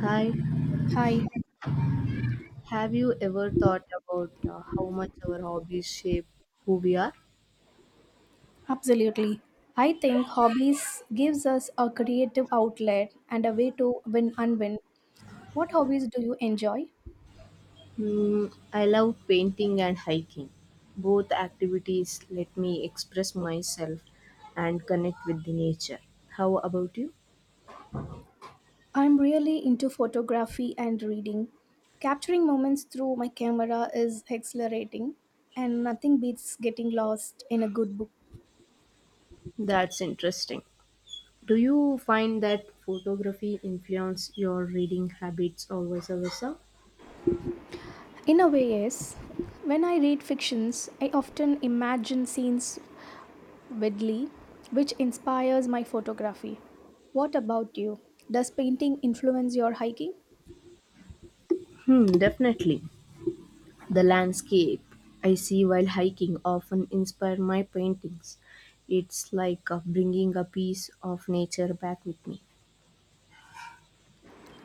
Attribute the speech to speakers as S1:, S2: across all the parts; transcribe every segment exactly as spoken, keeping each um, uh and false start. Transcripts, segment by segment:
S1: Hi,
S2: Hi,
S1: have you ever thought about uh, how much our hobbies shape who we are?
S2: absolutely. I think hobbies gives us a creative outlet and a way to win and win. What hobbies do you enjoy?
S1: Mm, I love painting and hiking. Both activities let me express myself and connect with the nature. How about you?
S2: I'm really into photography and reading. Capturing moments through my camera is exhilarating, and nothing beats getting lost in a good book.
S1: That's interesting. Do you find that photography influence your reading habits or vice versa?
S2: In a way, yes. When I read fictions, I often imagine scenes vividly, which inspires my photography. What about you? Does painting influence your hiking?
S1: Hmm, definitely. The landscape I see while hiking often inspire my paintings. It's like uh, bringing a piece of nature back with me.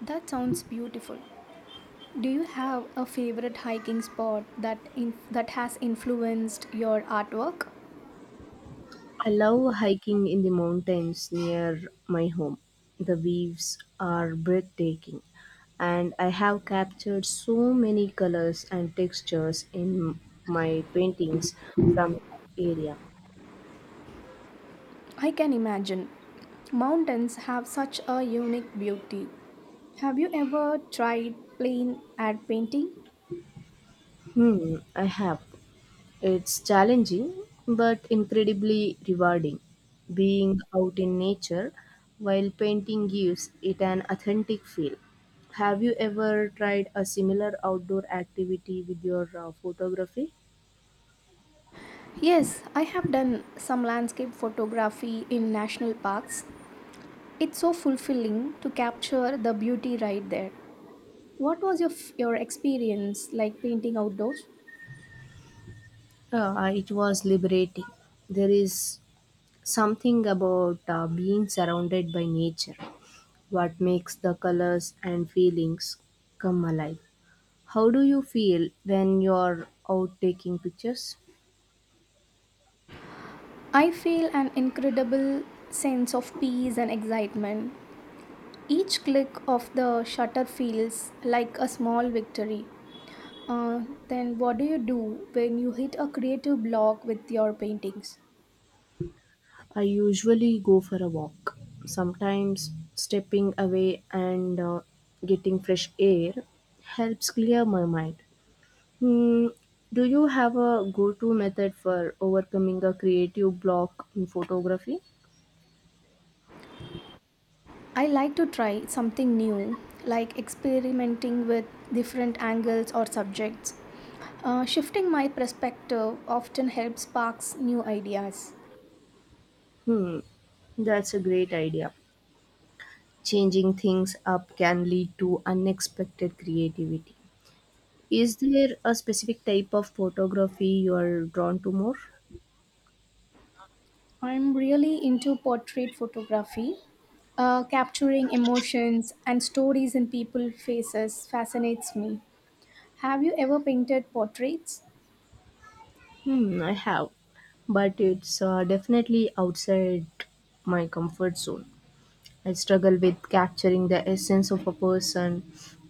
S2: That sounds beautiful. Do you have a favorite hiking spot that in, that has influenced your artwork?
S1: I love hiking in the mountains near my home. The views are breathtaking, and I have captured so many colors and textures in my paintings from that area.
S2: I can imagine. Mountains have such a unique beauty. Have you ever tried plain ad painting?
S1: Hmm, I have. It's challenging but incredibly rewarding. Being out in nature while painting gives it an authentic feel. Have you ever tried a similar outdoor activity with your uh, photography?
S2: Yes, I have done some landscape photography in national parks. It's so fulfilling to capture the beauty right there. What was your f- your experience like painting outdoors?
S1: Uh, it was liberating. There is something about uh, being surrounded by nature, what makes the colors and feelings come alive. How do you feel when you're out taking pictures?
S2: I feel an incredible sense of peace and excitement. Each click of the shutter feels like a small victory. Uh, then, what do you do when you hit a creative block with your paintings?
S1: I usually go for a walk, sometimes stepping away and uh, getting fresh air helps clear my mind. Hmm, do you have a go to method for overcoming a creative block in photography?
S2: I like to try something new, like experimenting with different angles or subjects. Uh, shifting my perspective often helps sparks new ideas.
S1: Hmm, that's a great idea. Changing things up can lead to unexpected creativity. Is there a specific type of photography you are drawn to more?
S2: I'm really into portrait photography. Uh, capturing emotions and stories in people's faces fascinates me. Have you ever painted portraits?
S1: Hmm, I have, but it's uh, definitely outside my comfort zone. I struggle with capturing the essence of a person.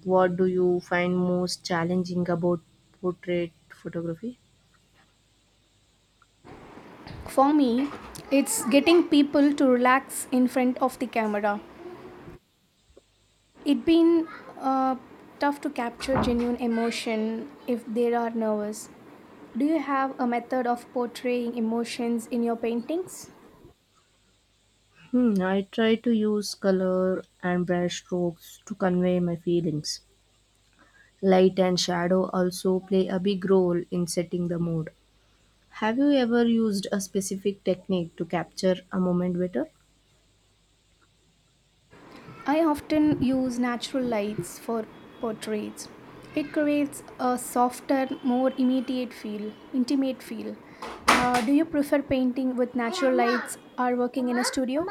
S1: What do you find most challenging about portrait photography?
S2: For me, it's getting people to relax in front of the camera. It's been uh, tough to capture genuine emotion if they are nervous. Do you have a method of portraying emotions in your paintings?
S1: Hmm, I try to use color and brush strokes to convey my feelings. Light and shadow also play a big role in setting the mood. Have you ever used a specific technique to capture a moment better?
S2: I often use natural lights for portraits. It creates a softer, more immediate feel, intimate feel. Uh, do you prefer painting with natural lights or working in a studio?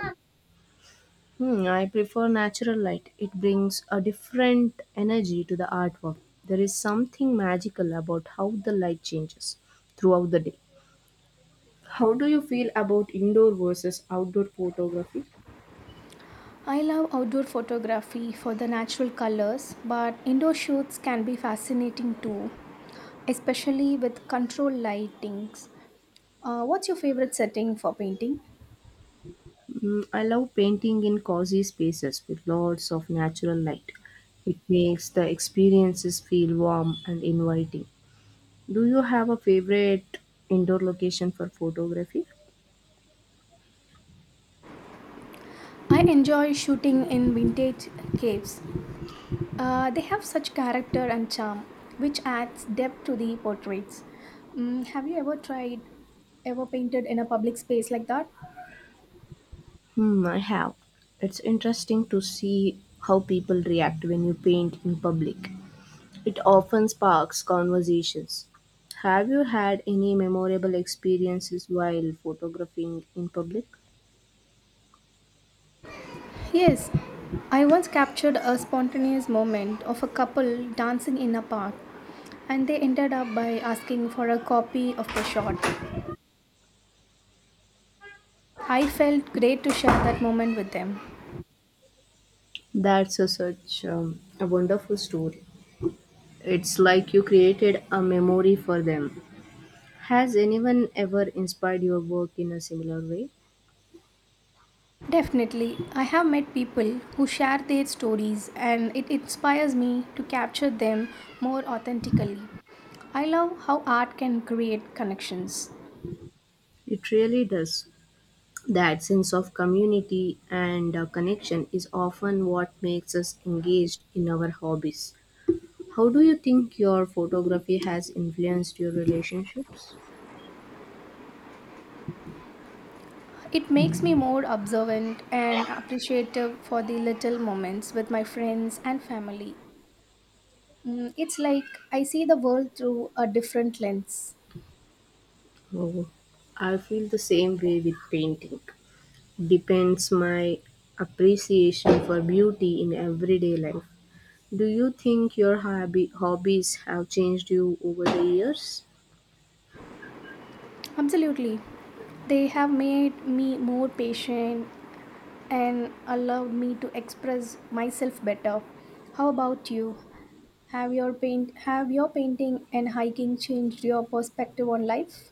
S1: Hmm, I prefer natural light. It brings a different energy to the artwork. There is something magical about how the light changes throughout the day. How do you feel about indoor versus outdoor photography?
S2: I love outdoor photography for the natural colors, but indoor shoots can be fascinating too, especially with controlled lightings. Uh, what's your favorite setting for painting?
S1: Mm, I love painting in cozy spaces with lots of natural light. It makes the experiences feel warm and inviting. Do you have a favorite indoor location for photography?
S2: I enjoy shooting in vintage caves. Uh, they have such character and charm, which adds depth to the portraits. Mm, have you ever tried, ever painted in a public space like that?
S1: Hmm, I have. It's interesting to see how people react when you paint in public. It often sparks conversations. Have you had any memorable experiences while photographing in public?
S2: Yes, I once captured a spontaneous moment of a couple dancing in a park, and they ended up by asking for a copy of the shot. I felt great to share that moment with them.
S1: That's a, such um, a wonderful story. It's like you created a memory for them. Has anyone ever inspired your work in a similar way?
S2: Definitely, I have met people who share their stories, and it inspires me to capture them more authentically. I love how art can create connections.
S1: It really does. That sense of community and uh, connection is often what makes us engaged in our hobbies. How do you think your photography has influenced your relationships?
S2: It makes me more observant and appreciative for the little moments with my friends and family. Mm, it's like I see the world through a different lens.
S1: Oh, I feel the same way with painting. Depends my appreciation for beauty in everyday life. Do you think your hobby, hobbies have changed you over the years?
S2: Absolutely. They have made me more patient and allowed me to express myself better. How about you? Have your paint have your painting and hiking changed your perspective on life?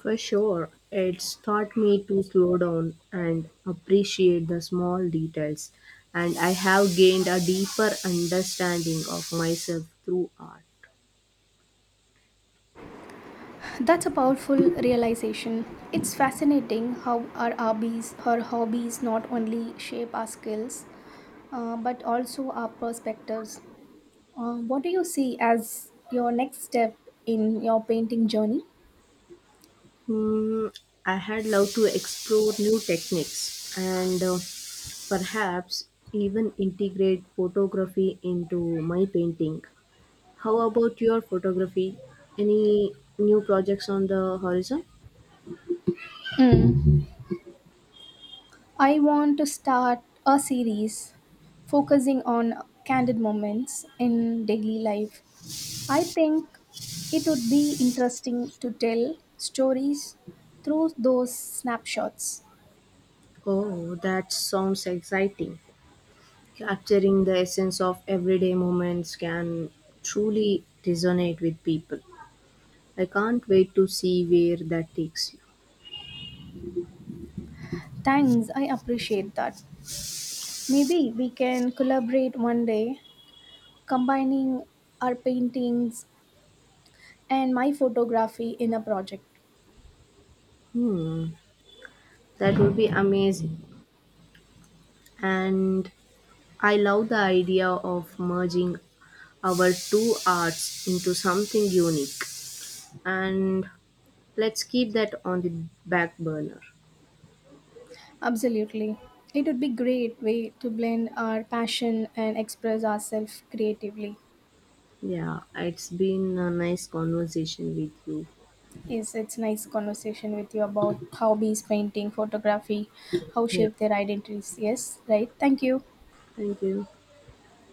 S1: For sure, it's taught me to slow down and appreciate the small details, and I have gained a deeper understanding of myself through art.
S2: That's a powerful realization. It's fascinating how our hobbies, our hobbies not only shape our skills, uh, but also our perspectives. Uh, what do you see as your next step in your painting journey?
S1: Hmm, I had loved to explore new techniques and uh, perhaps even integrate photography into my painting. How about your photography? Any new projects on the horizon?
S2: Mm. I want to start a series focusing on candid moments in daily life. I think it would be interesting to tell stories through those snapshots.
S1: Oh, that sounds exciting. Capturing the essence of everyday moments can truly resonate with people. I can't wait to see where that takes you.
S2: Thanks, I appreciate that. Maybe we can collaborate one day, combining our paintings and my photography in a project.
S1: Hmm, that would be amazing. And I love the idea of merging our two arts into something unique. And let's keep that on the back burner.
S2: Absolutely. It would be great way to blend our passion and express ourselves creatively.
S1: Yeah, it's been a nice conversation with you.
S2: Yes, it's nice conversation with you about hobbies, painting, photography, how
S1: Yeah,
S2: shape their identities. Yes, right. Thank you.
S1: thank you.